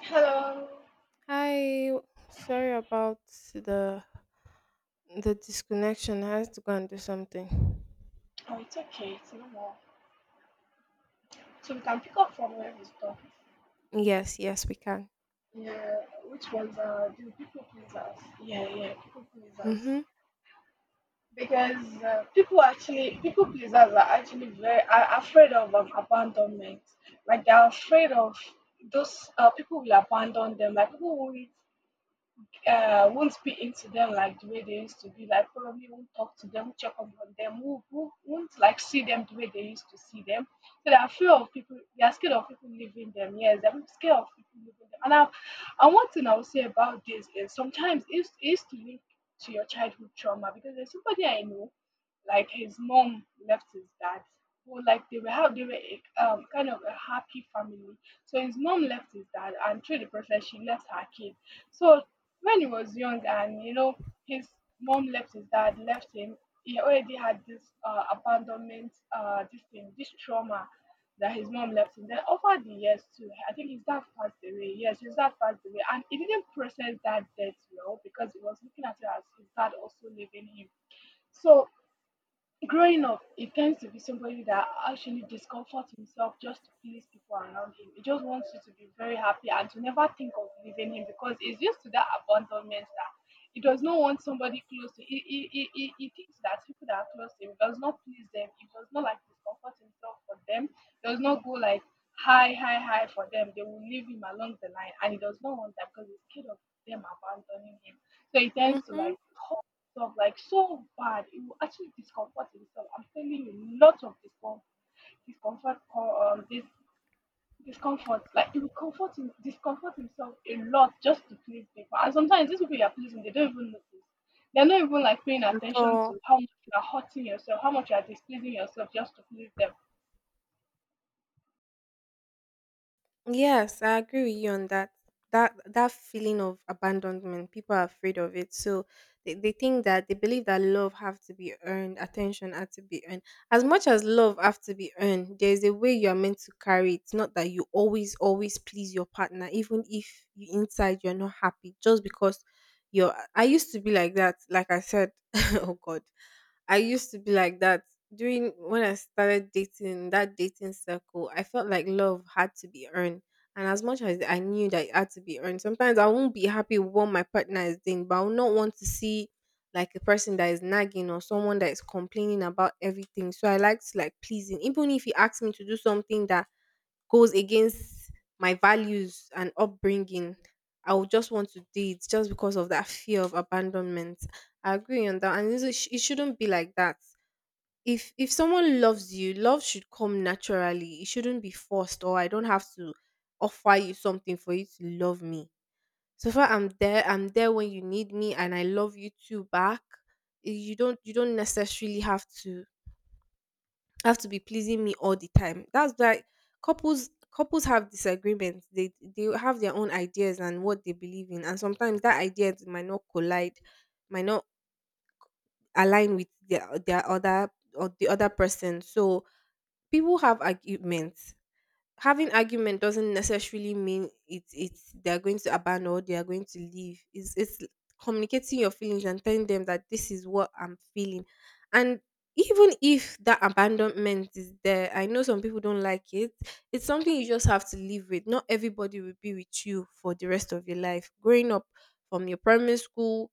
Hello. Hi, sorry about the the disconnection. I had to go and do something. Oh, it's okay. It's normal. So we can pick up from where we stop. Yes, yes, we can. Yeah. Which ones are the people pleasers? Yeah, yeah. People pleasers. Mhm. Because people actually, people pleasers are actually very are afraid of abandonment. Like they are afraid of those people will abandon them. Like people will won't speak into them like the way they used to be, like probably won't talk to them, check up on them, won't like see them the way they used to see them. So they are fear of people, they are scared of people leaving them. Yes, they're scared of people leaving them. And one thing I would say about this is sometimes it's to link to your childhood trauma because there's somebody I know, like his mom left his dad. Well, like they were how they were a, kind of a happy family. So his mom left his dad, and through the process, she left her kid. So when he was young and you know his mom left his dad left him he already had this abandonment this thing this trauma that his mom left him. Then over the years too, I think his dad passed away. Yes, his dad passed away and he didn't process that death well because he was looking at it as his dad also leaving him. So growing up, he tends to be somebody that actually discomforts himself just to please people around him. He just wants you to be very happy and to never think of leaving him because he's used to that abandonment that he does not want somebody close to he, he thinks that people that are close to him does not please them. He does not like discomfort himself for them, does not go like high for them. They will leave him along the line and he does not want that because he's scared of them abandoning him. So he tends to Mhm. like stuff like so bad. It will actually discomfort himself. I'm telling you, lots of discomfort, discomfort, co- this discomfort. Like it will comfort him, discomfort himself a lot just to please people. And sometimes these people you are pleasing, they don't even notice. They're not even like paying At attention all. to how much you are hurting yourself, how much you are displeasing yourself just to please them. Yes, I agree with you on that. That feeling of abandonment, people are afraid of it. So they think that they believe that love have to be earned, attention had to be earned. As much as love have to be earned, there's a way you are meant to carry it. Not that you always, always please your partner, even if you inside you're not happy, just because you're I used to be like that, like I said, oh God. I used to be like that. During when I started dating, that dating circle, I felt like love had to be earned. And as much as I knew that it had to be earned, sometimes I won't be happy with what my partner is doing, but I will not want to see like a person that is nagging or someone that is complaining about everything. So I like to like pleasing. Even if he asks me to do something that goes against my values and upbringing, I would just want to date just because of that fear of abandonment. I agree on that, and it shouldn't be like that. If someone loves you, love should come naturally. It shouldn't be forced, or I don't have to offer you something for you to love me. So far, I'm there. I'm there when you need me, and I love you too back. You don't necessarily have to be pleasing me all the time. That's why couples have disagreements. They have their own ideas and what they believe in, and sometimes that idea might not collide, might not align with their other or the other person. So people have arguments. Having argument doesn't necessarily mean it's they're going to abandon or they are going to leave. It's communicating your feelings and telling them that this is what I'm feeling. And even if that abandonment is there, I know some people don't like it. It's something you just have to live with. Not everybody will be with you for the rest of your life. Growing up from your primary school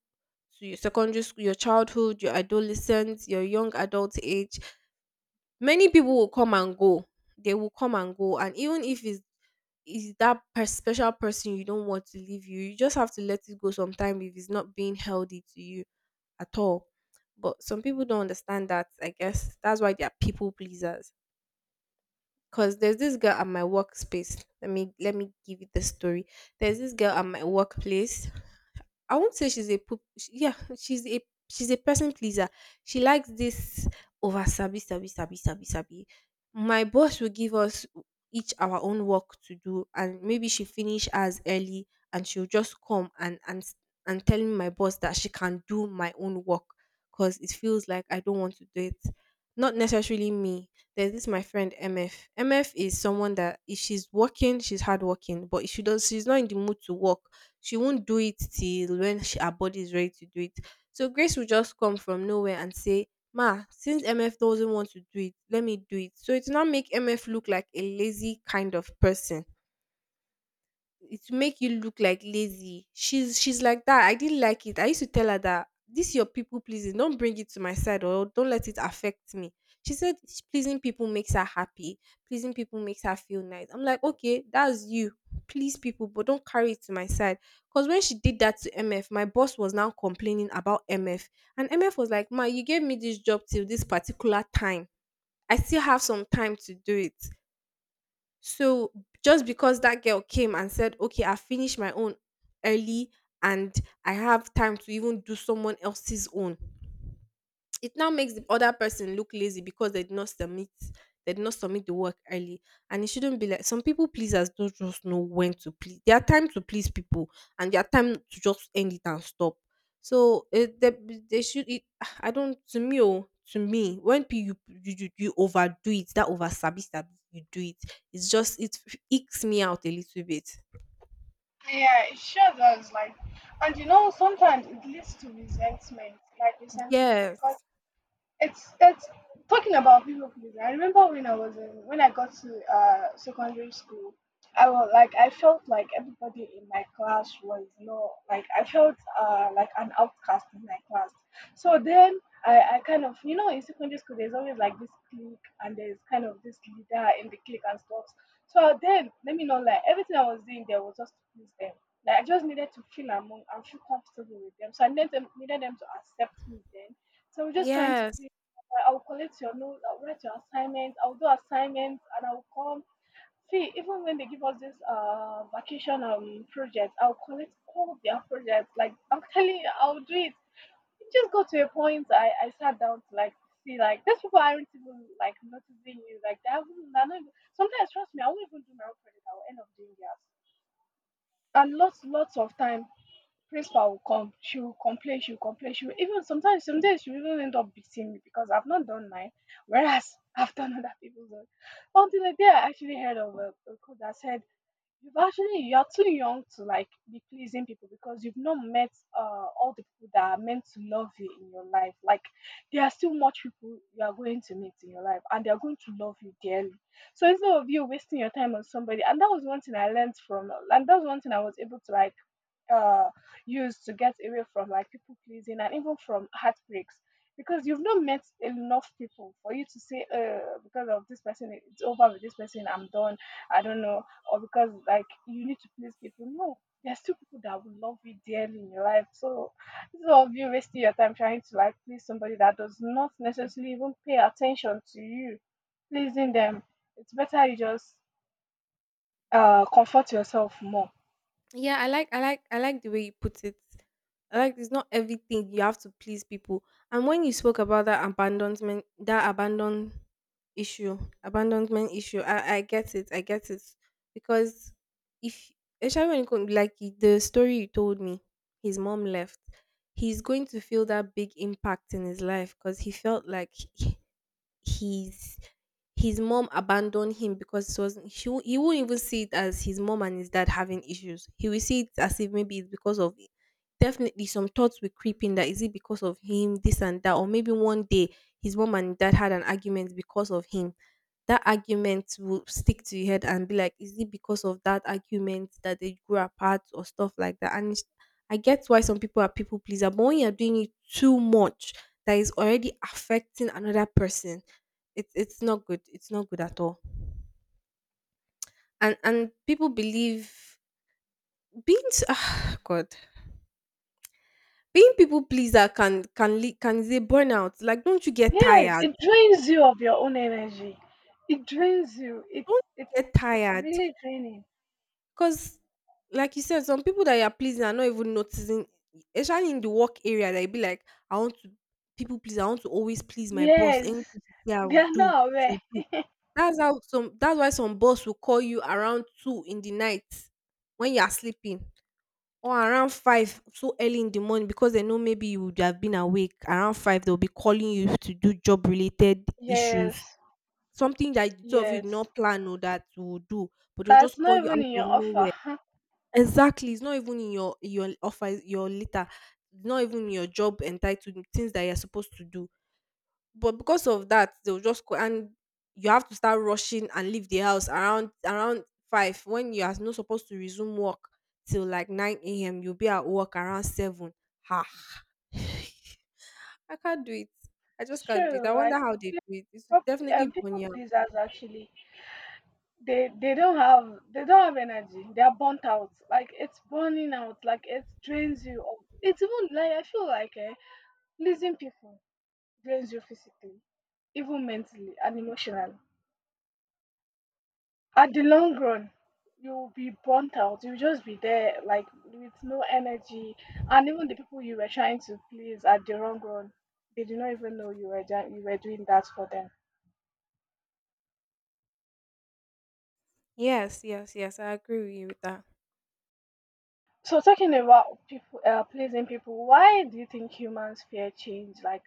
to your secondary school, your childhood, your adolescence, your young adult age, many people will come and go. They will come and go. And even if it's is that special person you don't want to leave you, you just have to let it go sometime if it's not being healthy to you at all. But some people don't understand that, I guess. That's why they are people pleasers. Cause there's this girl at my workspace. Let me give you the story. There's this girl at my workplace. I won't say she's a poop. Sh Yeah, she's a she's a person pleaser. She likes this over sabi sabi sabi sabi sabi. My boss will give us each our own work to do, and maybe she finish as early, and she'll just come and and telling my boss that she can do my own work because it feels like I don't want to do it. Not necessarily me. There's this my friend M F. M F is someone that if she's working, she's hardworking, but if she does, she's not in the mood to work. She won't do it till when her body is ready to do it. So Grace will just come from nowhere and say, "Ma, since MF doesn't want to do it, let me do it." So it will not make MF look like a lazy kind of person. It will make you look like lazy. She's like that. I didn't like it. I used to tell her that this your people pleasing, don't bring it to my side or don't let it affect me. She said pleasing people makes her happy. Pleasing people makes her feel nice. I'm like, okay, that's you. Please people, but don't carry it to my side. Because when she did that to MF, my boss was now complaining about MF. And MF was like, "Ma, you gave me this job till this particular time. I still have some time to do it." So just because that girl came and said, okay, I finished my own early and I have time to even do someone else's own, it now makes the other person look lazy because they did not submit they did not submit the work early. And it shouldn't be like some people pleasers don't just know when to please their time to just end it and stop. So it, they should it, I don't, to me, oh, to me, when you overdo it, that over sabi sabi you do it, it's just it icks me out a little bit. Yeah, it sure does. Like, and you know, sometimes it leads to resentment, like resentment, because Yes. It's talking about people pleasing. I remember when I was in when I got to secondary school, I was like I felt like everybody in my class was not like I felt like an outcast in my class. So then I kind of you know in secondary school there's always like this clique and there's kind of this leader in the clique and stuff. So then let me know like everything I was doing there was just to please them. Like I just needed to feel among and feel comfortable with them. So I needed them to accept me then. So we're just trying to Yes. please. I will collect your note, I'll write your assignments. I'll do assignments and I'll come. See, even when they give us this vacation project, I'll collect all their projects. Like I'm telling you, I'll do it. It just got to a point I sat down to like see like these people aren't even like noticing you. Like they haven't they're not even, sometimes trust me, I won't even do my own project, I will end up doing theirs. And lots of time principal will come. She will complain, she will complain, she will even sometimes some days she will even end up beating me because I've not done mine, whereas I've done other people's own. Until the day I actually heard of a quote that said you've actually you're too young to like be pleasing people because you've not met all the people that are meant to love you in your life, like there are still much people you are going to meet in your life and they're going to love you dearly. So instead of you wasting your time on somebody, and that was one thing I learned from, and that was one thing I was able to like uh, use to get away from like people pleasing and even from heartbreaks, because you've not met enough people for you to say because of this person it's over, with this person I'm done, I don't know, or because like you need to please people. No, there's still people that will love you dearly in your life. So this is all of you wasting your time trying to like please somebody that does not necessarily even pay attention to you pleasing them. It's better you just comfort yourself more. Yeah, I like I like the way you put it. I like it's not everything you have to please people. And when you spoke about that issue, abandonment issue, I get it, I get it. Because if especially when it comes like the story you told me, his mom left, he's going to feel that big impact in his life because he felt like his his mom abandoned him because it was he he won't even see it as his mom and his dad having issues. He will see it as if maybe it's because of definitely some thoughts will creep in that is it because of him, this and that, or maybe one day his mom and dad had an argument because of him. That argument will stick to your head and be like, is it because of that argument that they grew apart or stuff like that? I get why some people are people pleaser, but when you're doing it too much, that is already affecting another person. It's not good. It's not good at all. And people believe being s- ah, God being people pleaser can is a burnout. Like, don't you get Yes, tired? it drains you of your own energy. It drains you. Don't it's you get it's tired really draining. because, like you said, some people that you are pleasing are not even noticing. Especially in the work area, they be like, I want to people please. I want to always please my boss. Yes. Anything she say, I They will are do. not She aware. will do. That's how some. That's why some boss will call you around two in the night when you are sleeping or around five so early in the morning because they know maybe you would have been awake around five. They'll be calling you to do job related issues, Yes, something that the two of you yes. did not plan or that you will do, but they'll just That's call not you out even in of your offer. nowhere. Huh? Exactly, it's not even in your offer, your letter, not even your job entitled things that you're supposed to do. But because of that, they'll just go and you have to start rushing and leave the house around five when you are not supposed to resume work till like nine a.m. You'll be at work around seven. Ha! I can't do it. I It's just can't do it. true. I Like wonder how they do it. It's people, definitely people bunya. pleasers actually, they they don't have energy. They are burnt out. Like it's burning out. Like it drains you. Of, it's even like I feel like eh, pleasing people drains you physically, even mentally and emotionally. At the long run you'll be burnt out. You'll just be there like with no energy, and even the people you were trying to please, at the long run they did not even know you were done, you were doing that for them. Yes, yes, yes. I agree with you with that. So talking about people pleasing people, why do you think humans fear change? Like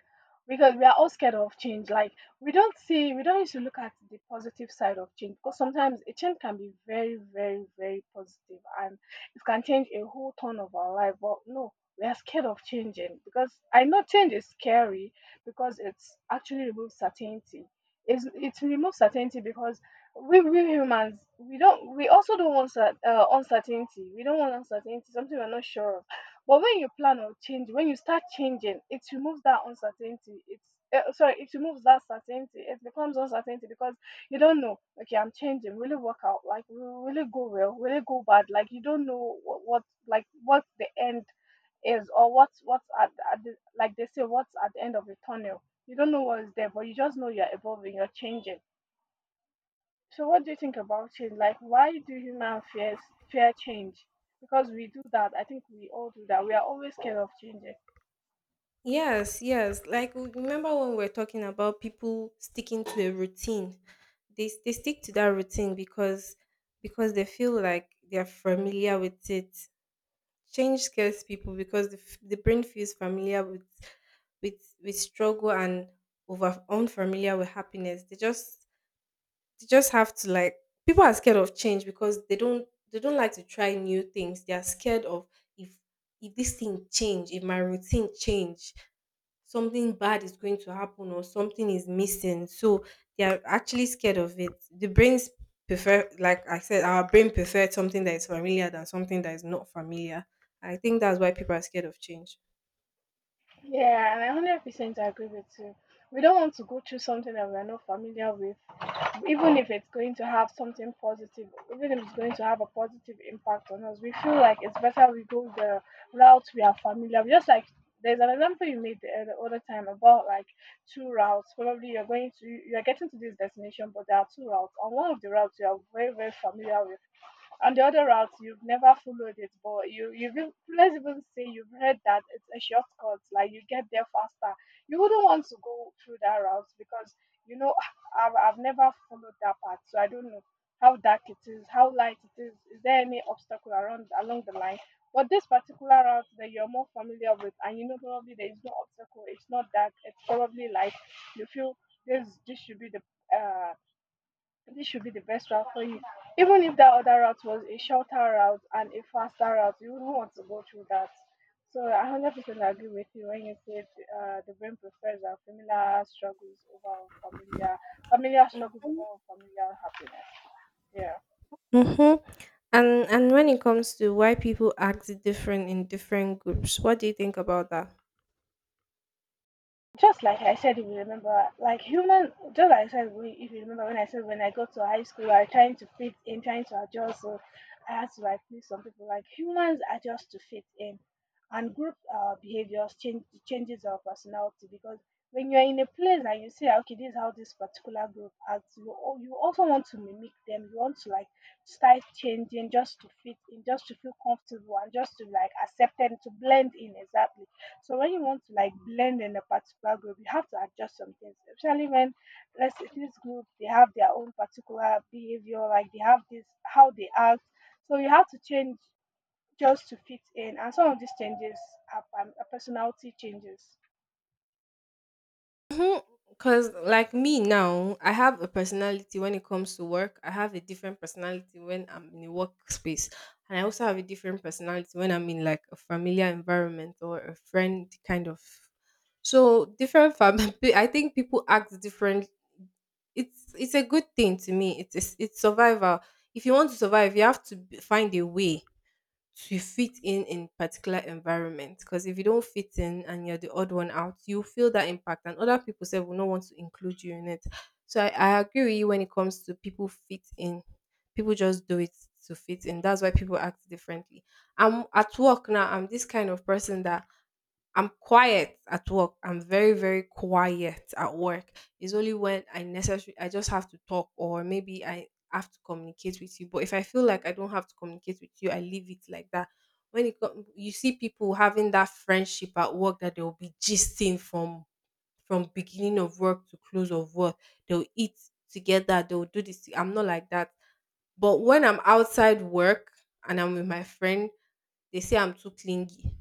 because we are all scared of change. Like we don't see we don't used to look at the positive side of change because sometimes a change can be very, very, very positive and it can change a whole ton of our life. But no, we are scared of changing because I know change is scary because it's actually removes certainty. It removes certainty because we humans we don't we also don't want uncertainty, we don't want uncertainty, something we're not sure of. But when you plan or change, when you start changing it removes that uncertainty. It's sorry it removes that certainty. It becomes uncertainty because you don't know okay I'm changing, will it work out, like will it go well, will it go bad, like you don't know what like what the end is or what's at the, like they say what's at the end of the tunnel. You don't know what is there, but you just know you're evolving, you're changing. So what do you think about change? Like why do humans fear change? Because we do that. I think we all do that. We are always scared of changing. Yes, yes. Like remember when we were talking about people sticking to a routine. They stick to that routine because they feel like they are familiar with it. Change scares people because the brain feels familiar with with struggle and over unfamiliar with happiness. They just have to like people are scared of change because they don't like to try new things. They are scared of if if this thing change, if my routine change, something bad is going to happen or something is missing. So they are actually scared of it. The brains prefer, like I said, our brain prefers something that is familiar than something that is not familiar. I think that's why people are scared of change. Yeah, and I 100% agree with you. We don't want to go through something that we are not familiar with, even if it's going to have something positive, even if it's going to have a positive impact on us. We feel like it's better we go the route we are familiar with. Just like there's an example you made the other time about like two routes. Probably you're going to you're getting to this destination, but there are two routes. On one of the routes you are very very familiar with and the other route you've never followed it, but you you've even, let's even say you've heard that it's a shortcut, like you get there faster, you wouldn't want to go through that route because you know I've never followed that path, so I don't know how dark it is, how light it is there any obstacle around along the line. But this particular route that you're more familiar with, and you know probably there is no obstacle, it's not dark, it's probably light, you feel this this should be the uh this should be the best route for you. Even if that other route was a shorter route and a faster route, you wouldn't want to go through that. So I 100% agree with you when you said the brain prefers our familiar struggles over familiar, familiar struggles over familiar happiness. Yeah. Mm-hmm. And when it comes to why people act different in different groups, what do you think about that? Just like I said, if you remember, like human, just like I said, we- if you remember when I said when I got to high school, I was trying to fit in, trying to adjust. So I had to like please some people. Like humans adjust to fit in, and group behaviors changes our personality because when you're in a place and you say, okay, this is how this particular group acts, you you also want to mimic them. You want to like start changing just to fit in, just to feel comfortable, and just to like accept them to blend in exactly. So when you want to like blend in a particular group, you have to adjust some things, especially when, let's say, this group they have their own particular behavior, like they have this how they act. So you have to change just to fit in, and some of these changes are personality changes. Because like me now, I have a personality when it comes to work. I have a different personality when I'm in a workspace, and I also have a different personality when I'm in like a familiar environment or a friend kind of. So I think people act different. It's a good thing to me. It is, it's survival. If you want to survive, you have to find a way to fit in particular environment. Because if you don't fit in and you're the odd one out, you feel that impact, and other people say will not want to include you in it. So I agree with you when it comes to people fit in. People just do it to fit in. That's why people act differently. I'm at work now. I'm this kind of person that I'm quiet at work. I'm very, very quiet at work. It's only when I necessary I just have to talk or maybe I have to communicate with you. But if I feel like I don't have to communicate with you, I leave it like that. You see people having that friendship at work that they'll be gisting from beginning of work to close of work. They'll eat together, they'll do this. I'm not like that. But when I'm outside work and I'm with my friend, they say I'm too clingy.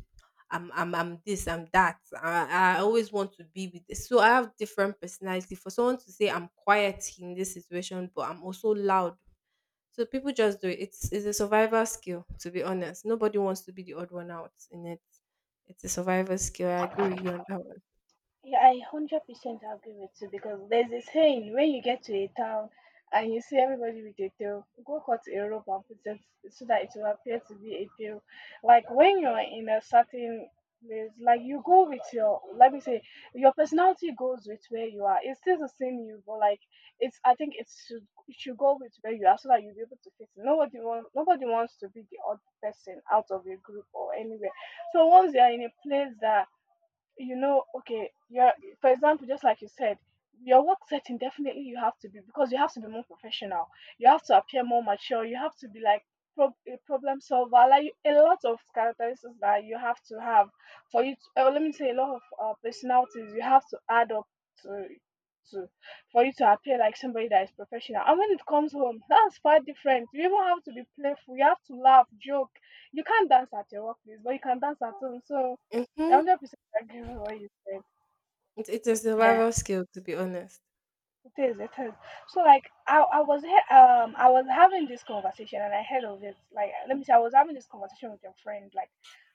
I'm this, I'm that. I always want to be with this. So I have different personality. For someone to say I'm quiet in this situation, but I'm also loud. So people just do it. It's a survival skill, to be honest. Nobody wants to be the odd one out in it. It's a survival skill. I agree with you on that one. Yeah, I 100% agree with you because there's a saying when you get to a town and you see everybody with a tail, go cut a rope and put it so that it will appear to be a tail. Like when you're in a certain place, like you go with your, let me say, your personality goes with where you are. It's still the same you, but like I think it should go with where you are so that you'll be able to fit in. Nobody wants to be the odd person out of a group or anywhere. So once you're in a place that you know, okay, for example, just like you said, your work setting, definitely you have to be because you have to be more professional. You have to appear more mature. You have to be like a problem solver. Like a lot of characteristics that you have to have for you to, let me say, a lot of personalities you have to add up to to for you to appear like somebody that is professional. And when it comes home, that's far different. You even have to be playful. You have to laugh, joke. You can't dance at your workplace, but you can dance at home. So. Mm-hmm. 100% I get what you said. It's a Yeah, survival skill, to be honest. it is. It is. So like I was having this conversation and I heard of it. Like, let me say, I was having this conversation with your friend. Like,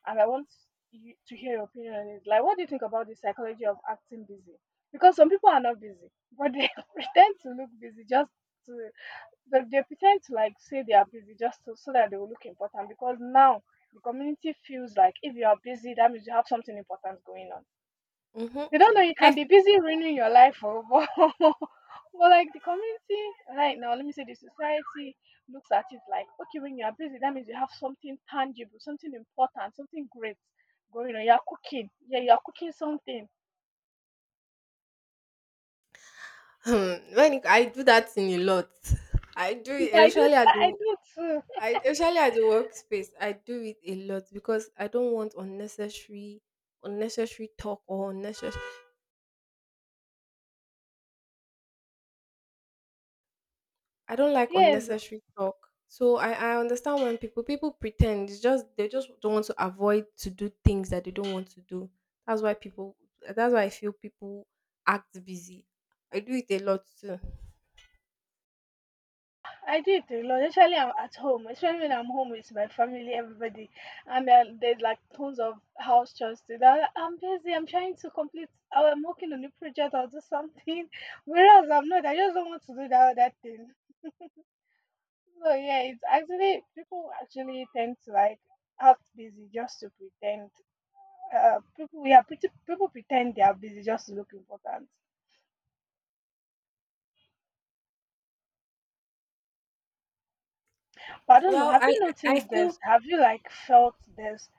and I want you to hear your opinion on it. Like, what do you think about the psychology of acting busy? Because some people are not busy, but they pretend to look busy to they pretend to like say they are busy just to, so that they will look important. Because now the community feels like if you are busy, that means you have something important going on. Mm-hmm. They don't know you can I be busy ruining your life. Oh, but like the community right now, let me say, the society looks at it like, okay, when you are busy that means you have something tangible, something important, something great going on. You're cooking. Yeah, you're cooking something. feel- I do that thing a lot. I do it, I do, especially at I the do too. I especially at the workspace, I do it a lot because I don't want unnecessary talk or unnecessary I don't like Yes. unnecessary talk. So I understand when people pretend it's just they just don't want to avoid to do things that they don't want to do. That's why people that's why I feel people act busy. I do it a lot too. I do it a lot. Especially I'm at home. Especially when I'm home with my family, everybody, and then there's like tons of house chores to do. I'm like, "I'm busy. I'm trying to complete. Oh, I'm working on a project. I'll do something. Whereas I'm not. I just don't want to do that other thing. So yeah, it's actually people actually tend to like act busy just to pretend. People, we are pretty, people pretend they are busy just to look important. But I don't know. Well, Have you I noticed feel this? Have you like felt this?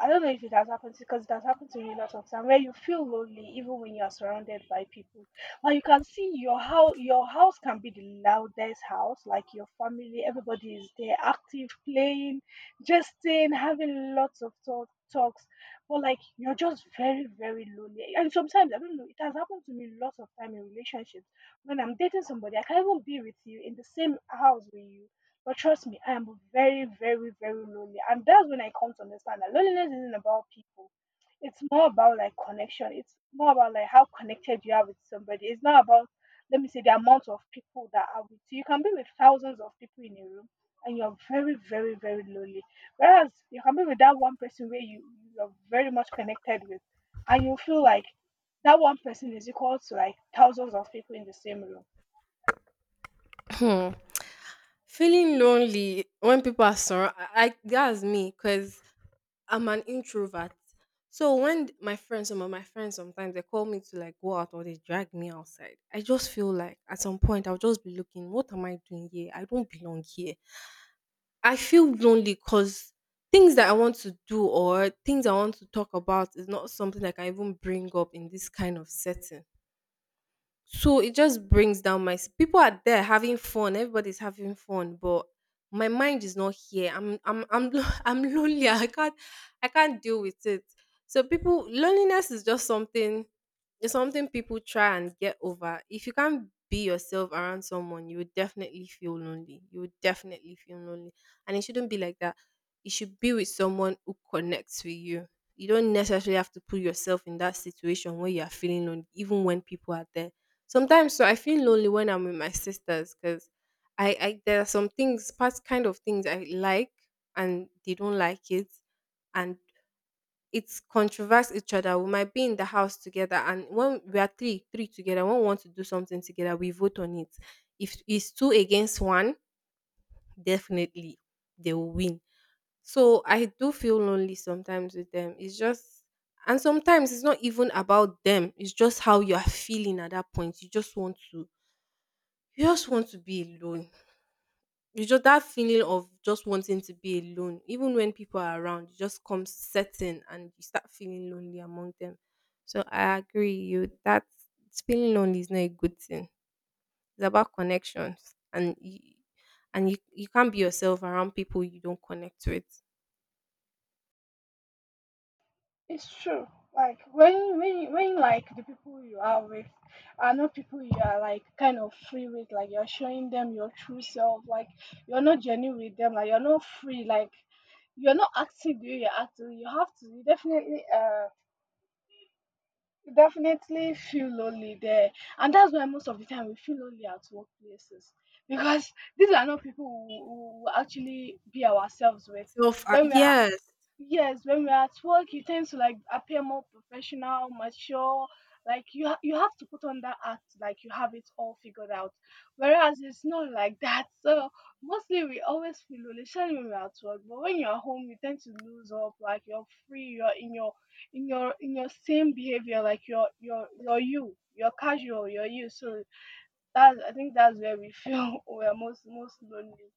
I don't know if it has happened to because it has happened to me a lot of time where you feel lonely even when you are surrounded by people. But you can see, your house can be the loudest house, like your family, everybody is there, active, playing, jesting, having lots of talk, talks. But like you're just very, very lonely. And sometimes I don't know, it has happened to me lots of time in relationships. When I'm dating somebody, I can't even be with you in the same house with you, but trust me, I am very, very, very lonely. And that's when I come to understand that loneliness isn't about people. It's more about like connection. It's more about like how connected you are with somebody. It's not about, let me say, the amount of people that are with you. You can be with thousands of people in a room and you're very, very, very lonely. Whereas you can be with that one person where you're very much connected with and you feel like that one person is equal to like thousands of people in the same room. feeling lonely when people are surrounded. I that's me because I'm an introvert. So when my friends, some of my friends sometimes they call me to like go out or they drag me outside, I just feel like at some point I'll just be looking, what am I doing here? I don't belong here. I feel lonely because things that I want to do or things I want to talk about is not something that I can even bring up in this kind of setting. So it just brings down my people are there having fun, everybody's having fun, but my mind is not here. I'm lonely. I can't deal with it. So people loneliness is just something it's something people try and get over. If you can't be yourself around someone, you would definitely feel lonely. You would definitely feel lonely. And it shouldn't be like that. You should be with someone who connects with you. You don't necessarily have to put yourself in that situation where you are feeling lonely, even when people are there. Sometimes so I feel lonely when I'm with my sisters because I there are some things, part kind of things I like and they don't like it, and it's controverse each other. We might be in the house together, and when we are three together, when we want to do something together, we vote on it. If it's two against one, definitely they will win. So I do feel lonely sometimes with them. It's just and sometimes it's not even about them. It's just how you are feeling at that point. You just want to be alone. You just that feeling of just wanting to be alone, even when people are around, it just comes setting and you start feeling lonely among them. So I agree you that feeling lonely is not a good thing. It's about connections and you, you can't be yourself around people you don't connect with. It's true. Like when like the people you are with are not people you are like kind of free with, like you're showing them your true self, like you're not genuine with them, like you're not free, like you're not active the way you're active. You have to you definitely feel lonely there. And that's why most of the time we feel lonely at workplaces. Because these are not people who actually be ourselves with. So far, When we are yes. Yes, when we're at work, you tend to like appear more professional, mature. Like you have to put on that act, like you have it all figured out. Whereas it's not like that. So mostly we always feel especially when we're at work. But when you're home, you tend to lose up. Like you're free. You're in your same behavior. Like you're you. You're casual. You're you. So I think that's where we feel we're most, most lonely.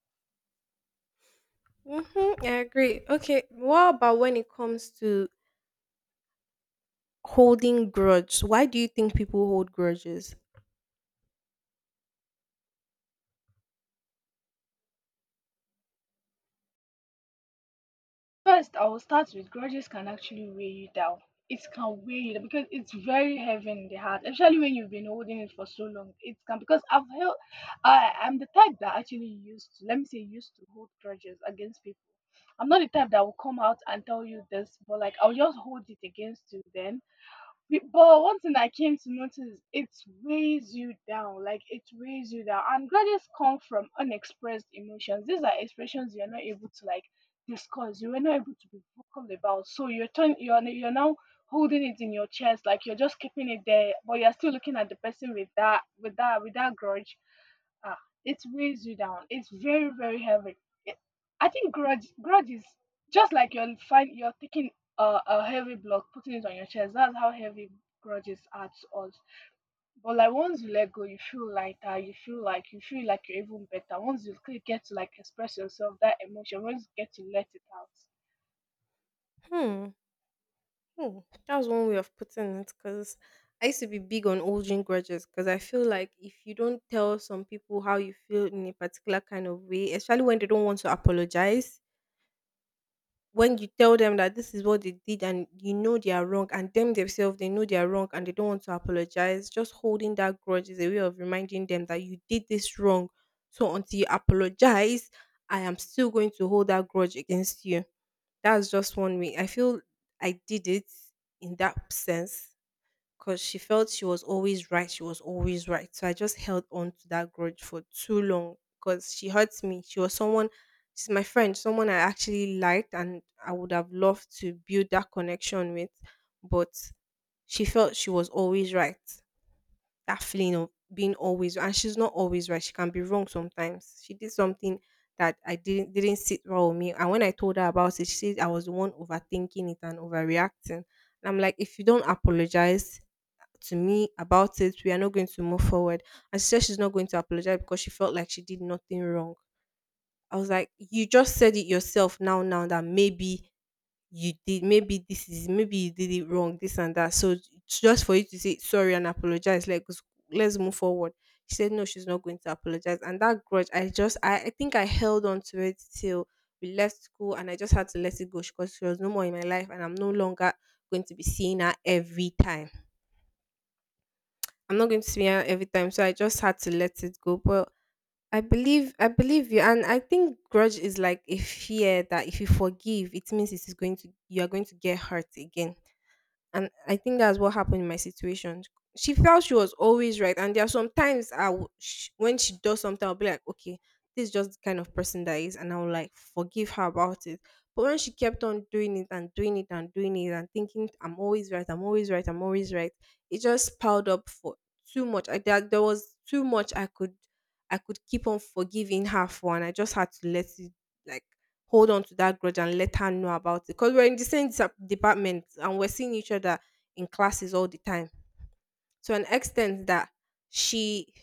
Mm-hmm, I agree. Okay, what about when it comes to holding grudge? Why do you think people hold grudges? First, I will start with grudges can actually weigh you down. It can weigh you down because it's very heavy in the heart, especially when you've been holding it for so long. It can because I've held. I'm the type that actually used to, let me say, used to hold grudges against people. I'm not the type that will come out and tell you this, but like I'll just hold it against you then but one thing I came to notice, it weighs you down. Like it weighs you down. And grudges come from unexpressed emotions. These are expressions you're not able to like discuss. You were not able to be vocal about. So you're turn you're n- you're now holding it in your chest, like you're just keeping it there, but you're still looking at the person with that grudge. Ah, it weighs you down. It's very, very heavy. It, I think grudge is just like you're taking a heavy block, putting it on your chest. That's how heavy grudges are to us. But like once you let go, you feel lighter. You feel like you're even better. Once you get to like express yourself, that emotion, once you get to let it out. Hmm. Oh, that was one way of putting it. Because I used to be big on holding grudges. Because I feel like if you don't tell some people how you feel in a particular kind of way, especially when they don't want to apologize, when you tell them that this is what they did and you know they are wrong, and them themselves they know they are wrong and they don't want to apologize, just holding that grudge is a way of reminding them that you did this wrong. So until you apologize, I am still going to hold that grudge against you. That's just one way. I feel I did it in that sense because she felt she was always right. She was always right. So I just held on to that grudge for too long because she hurts me. She was someone, she's my friend, someone I actually liked and I would have loved to build that connection with. But she felt she was always right, that feeling of being always, and she's not always right. She can be wrong sometimes. She did something that I didn't sit well with me. And when I told her about it, she said I was the one overthinking it and overreacting. And I'm like, if you don't apologize to me about it, we are not going to move forward. And she said she's not going to apologize because she felt like she did nothing wrong. I was like, you just said it yourself now, that maybe you did maybe this is maybe you did it wrong this and that, so it's just for you to say sorry and apologize, let's move forward. She said no, she's not going to apologize, and that grudge I think I held on to it till we left school and I just had to let it go because she was no more in my life and I'm no longer going to be seeing her every time, I'm not going to see her every time, so I just had to let it go. But I believe you, and I think grudge is like a fear that if you forgive, it means it is going to, you are going to get hurt again, and I think that's what happened in my situation. She felt she was always right, and there are some times when she does something I'll be like, okay, this is just the kind of person that is, and I'll like forgive her about it. But when she kept on doing it and doing it and doing it and thinking, I'm always right, I'm always right, I'm always right, it just piled up for too much. I There, there was too much I could keep on forgiving her for, and I just had to let it like hold on to that grudge and let her know about it. Because we're in the same department and we're seeing each other in classes all the time. To an extent that she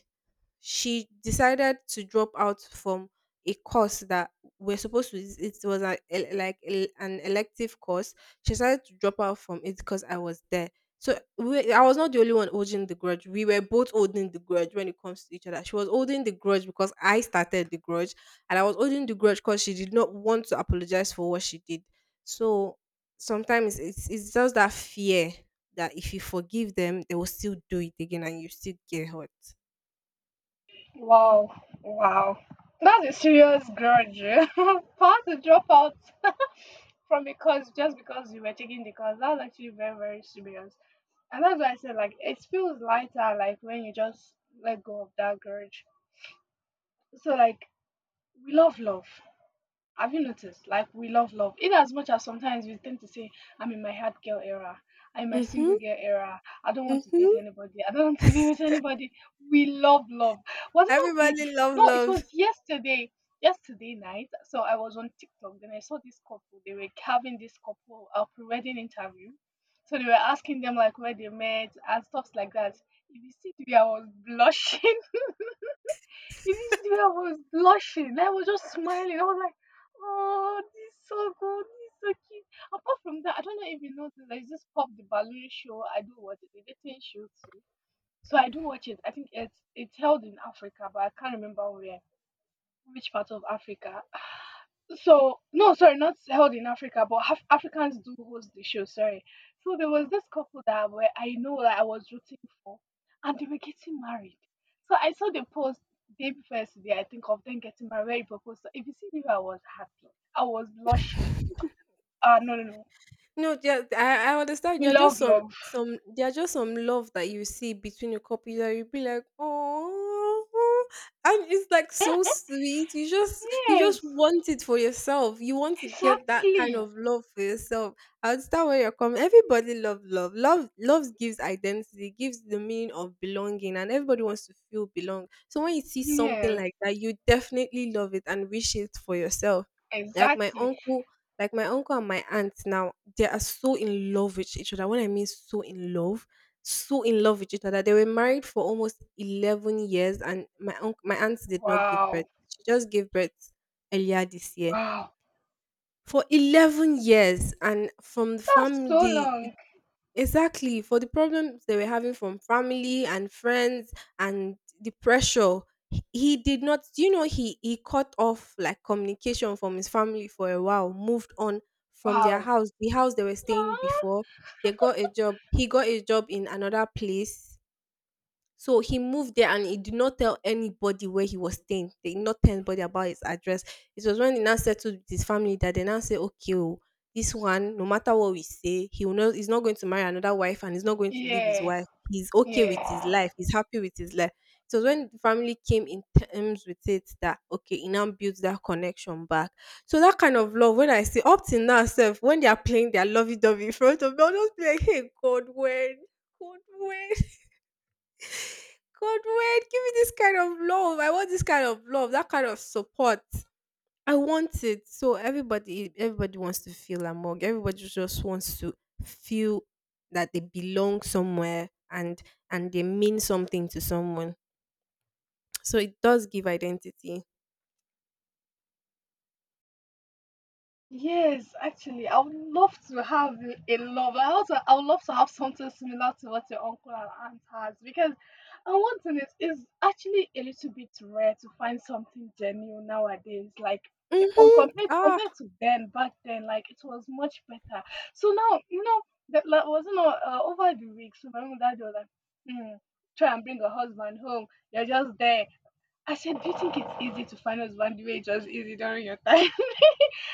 she decided to drop out from a course that we're supposed to it was like an elective course. She decided to drop out from it because I was there. I was not the only one holding the grudge, we were both holding the grudge when it comes to each other. She was holding the grudge because I started the grudge, and I was holding the grudge because she did not want to apologize for what she did. So sometimes it's just that fear that if you forgive them, they will still do it again and you still get hurt. Wow, wow. That's a serious grudge. For us to drop out from a course just because you were taking the course. That's actually very, very serious. And that's why I said like it feels lighter like when you just let go of that grudge. So like we love love. Have you noticed? Like we love love. In as much as sometimes we tend to say, I'm in my hard girl era, I'm in my single Hmm. girl era, I don't want to date Mhm. anybody, I don't want to be with anybody. We love love. Was it not day Everybody before? love No, it love. was yesterday. Yesterday night. So I was on TikTok, then I saw this couple. They were having this couple a pre-wedding interview. So they were asking them like where they met and stuff like that. If you see the way I was blushing, you did see the way I was blushing. Like, I was just smiling. I was like, oh, this is so good. This is so cute. Apart from that, I don't know if you noticed, there's this Pop the Balloon show. I do watch it. The dating show too. So I do watch it. I think it's held in Africa, but I can't remember where, which part of Africa. So no, sorry, not held in Africa, but Africans do host the show, sorry. So there was this couple that where I know that I was rooting for, and they were getting married. So I saw the post day before yesterday, I think, of them getting married, where he proposed. So if you see me, I was happy, I was blushing. Ah, no, no, no. No, yeah, I understand. We There are just love love. some there are just some love that you see between your couples that you be like, oh, and it's like so sweet. You Yes, just want it for yourself. You want to get that kind exactly. of love for yourself. I understand where you're coming. Everybody love love. Love love gives identity, gives the meaning of belonging, and everybody wants to feel belong. So when you see something Yes, like that, you definitely love it and wish it for yourself. Like my exactly. uncle like my uncle and my aunt now, they are so in love with each other. When I mean so in love with each other. They were married for almost 11 years, and my uncle, my aunt did not give birth. Wow, She just gave birth earlier this year. wow. For 11 years and from the That's so family. long. Exactly, for the problems they were having from family and friends and the pressure. He did not, you know, he cut off like communication from his family for a while, moved on from their Wow. house, the house they were staying Aw. before. They got a job. He got a job in another place so he moved there and he did not tell anybody where he was staying. They did not tell anybody about his address. It was when he now settled with his family that they now say, okay, oh, this one, no matter what we say, he will not, he's not going to marry another wife and he's not going to leave his Yeah, wife. He's okay with his yeah. life. He's happy with his life. It was when the family came in terms with it that, okay, he now builds that connection back. So that kind of love, when I say up till now, self, when they are playing their lovey-dovey in front of me, I'll just be like, hey, God, when? God, when? God, wait, give me this kind of love. I want this kind of love, that kind of support. I want it. So everybody, everybody wants to feel among. Everybody just wants to feel that they belong somewhere and they mean something to someone. So it does give identity. Yes, actually, I would love to have a love. I also, I would love to have something similar to what your uncle and aunt has because, and one thing is actually a little bit rare to find something genuine nowadays. Like on Mm-hmm. compared Ah. compared to then, back then, like it was much better. So now, that like, wasn't all, over the weeks. My mom and dad were like, hmm, try and bring a husband home. You're just there. I said, do you think it's easy to find a husband the way it was easy during your time?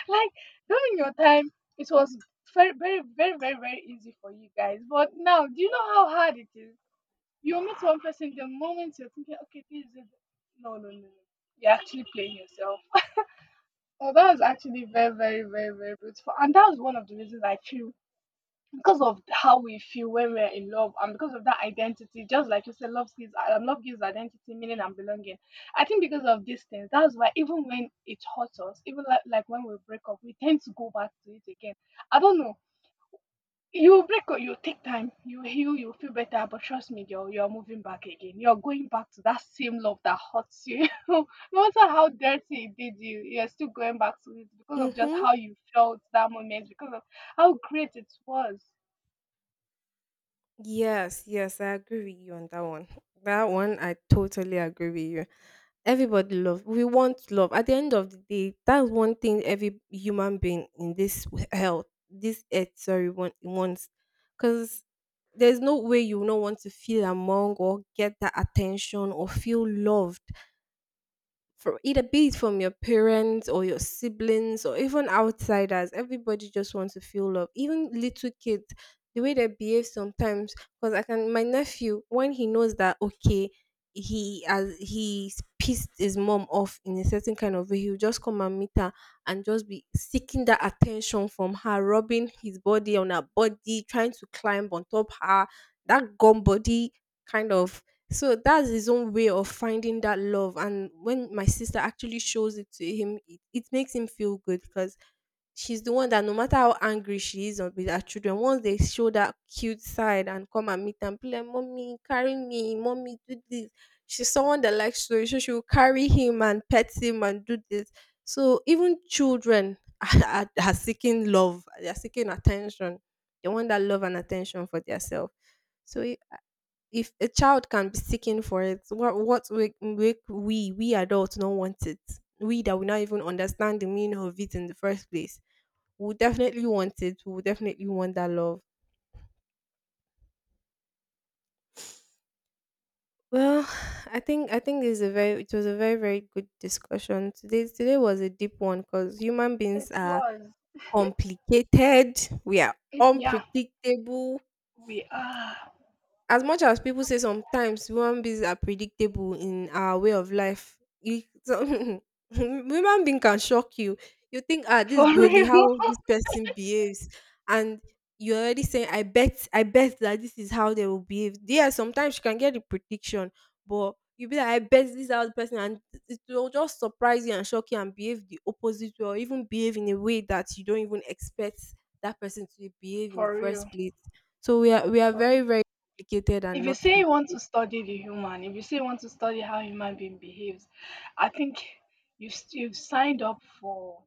Like during your time, it was very, very, very, very, very easy for you guys. But now, do you know how hard it is? You meet one person, the moment you're thinking, okay, this is it. No, no, no, no. You're actually playing yourself. Oh, that was actually very, very, very, very beautiful. And that was one of the reasons I feel, because of how we feel when we're in love, and because of that identity. Just like you said, love gives identity, meaning and belonging. I think because of these things, that's why even when it hurts us, even like when we break up, we tend to go back to it again. I don't know. You break up, you take time, you heal, you feel better, but trust me girl, you're moving back again. You're going back to that same love that hurts you. No matter how dirty it did you, you're still going back to it because of just Mm-hmm. how you felt that moment, because of how great it was. Yes, yes, I agree with you on that one. That one, I totally agree with you. Everybody love. We want love. At the end of the day, that's one thing every human being in this health, this earth, sorry, want, wants. Because there's no way you will not want to feel among or get that attention or feel loved from either be it from your parents or your siblings or even outsiders. Everybody just wants to feel love. Even little kids, the way they behave sometimes. Because I can, my nephew, when he knows that okay, he's pissed his mom off in a certain kind of way, he'll just come and meet her and just be seeking that attention from her, rubbing his body on her body, trying to climb on top her. That gum body kind of, so that's his own way of finding that love. And when my sister actually shows it to him, it makes him feel good because she's the one that no matter how angry she is with her children, once they show that cute side and come and meet and be like, Mommy, carry me, mommy, do this. She's someone that likes to, so she will carry him and pet him and do this. So even children are seeking love, they are seeking attention. They want that love and attention for themselves. So if a child can be seeking for it, what make we adults not want it? We that will not even understand the meaning of it in the first place. We will definitely want it. We will definitely want that love. Well, I think this is a very, it was a very, very good discussion today. Today was a deep one because human It beings are was. complicated. We are It, yeah, unpredictable we are. as much as people say sometimes human beings are predictable in our way of life, you, some, human being can shock you. You think, ah, this is For really real. how this person behaves, and you're already saying, I bet that this is how they will behave. Yeah, sometimes you can get the prediction, but you be like, I bet this is how the person, and it will just surprise you and shock you and behave the opposite way, or even behave in a way that you don't even expect that person to behave in the For first real. place. So we are For very, real. very complicated and If you not say pre- you want to study the human, if you say you want to study how human being behaves, I think you've, s- you've signed up for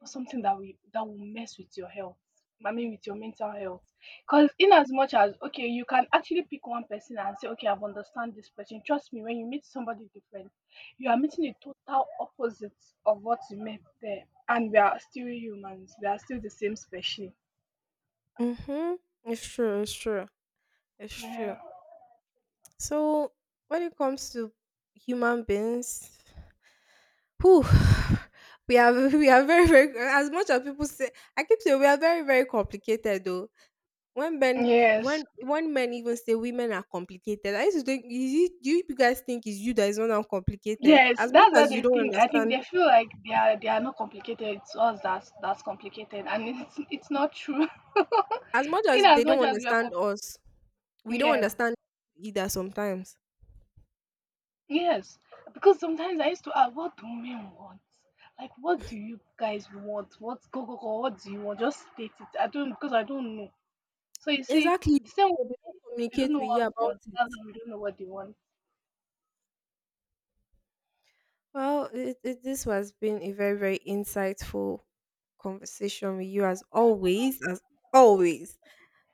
or something that will mess with your health. I mean, with your mental health. Because in as much as, okay, you can actually pick one person and say, okay, I've understand this person. Trust me, when you meet somebody different, you are meeting a total opposite of what you met there, and we are still humans. We are still the same species. Mm-hmm. It's true. It's true. It's true. Yeah. So when it comes to human beings, whew, we are we are very, very, as much as people say. I keep saying we are very, very complicated though. When men Yes. when men even say women are complicated, I used to think, is it, do you guys think it's you that is not uncomplicated? Yes, As much that's what as you they don't think. I think understand, they feel like they are not complicated. It's us that's complicated, and it's not true. as much as In they as don't much as we are, understand com- us, we don't yeah. understand either sometimes. Yes, because sometimes I used to ask, what do men want? Like, what do you guys want? What go go go? What do you want? Just state it. I don't, because I don't know. So you see, Exactly. the same way They don't they communicate don't with know you what we about want. That's it. why we don't know what they want. Well, this has been a very, very insightful conversation with you as always, as always.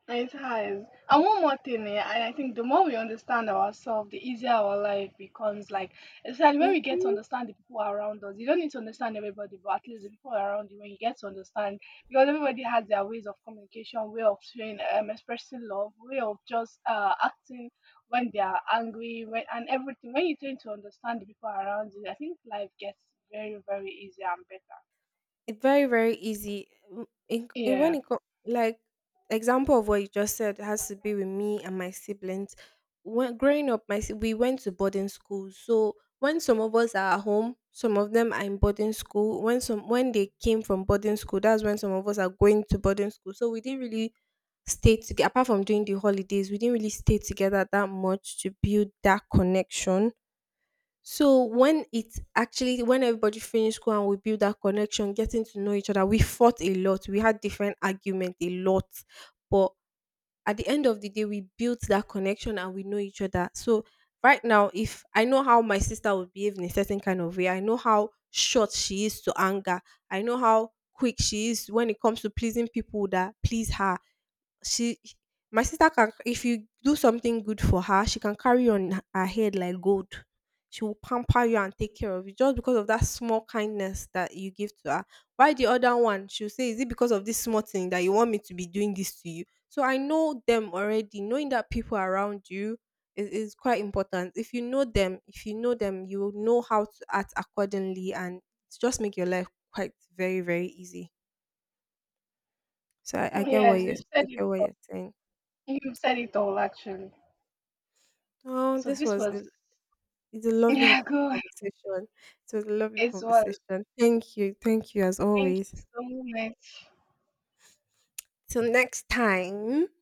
It has. And one more thing, eh, and I think the more we understand ourselves, the easier our life becomes. Like, especially when we get to Mhm. understand the people around us, you don't need to understand everybody, but at least the people around you, when you get to understand, because everybody has their ways of communication, way of showing, expressing love, way of just acting when they are angry, when, and everything. When you tend to understand the people around you, I think life gets very, very easier and better. It's very, very easy. Mm, in when Yeah. it co- like, example of what you just said has to be with me and my siblings. When growing up, my si- we went to boarding school. So when some of us are at home, some of them are in boarding school. When some when they came from boarding school, that's when some of us are going to boarding school. So we didn't really stay together, apart from during the holidays we didn't really stay together that much to build that connection. So when it's actually when everybody finished school and we build that connection, getting to know each other, we fought a lot. We had different argument a lot, but at the end of the day, we built that connection and we know each other. So right now, if I know how my sister would behave in a certain kind of way, I know how short she is to anger. I know how quick she is when it comes to pleasing people that please her. She, my sister can, if you do something good for her she can carry you on her head like gold. She will pamper you and take care of you just because of that small kindness that you give to her. Why the other one she'll say, is it because of this small thing that you want me to be doing this to you? So I know them already. Knowing that people around you is quite important. If you know them, if you know them you will know how to act accordingly and it's just make your life quite very, very easy. So I get what Yes, you're, you've I said it. get what you're saying. You've said it all, actually. Oh, So this this was was a, it's a lovely Yeah, go ahead. conversation. It was a lovely It was. conversation. Thank you. Thank you as Thank you always. so much. Till next time.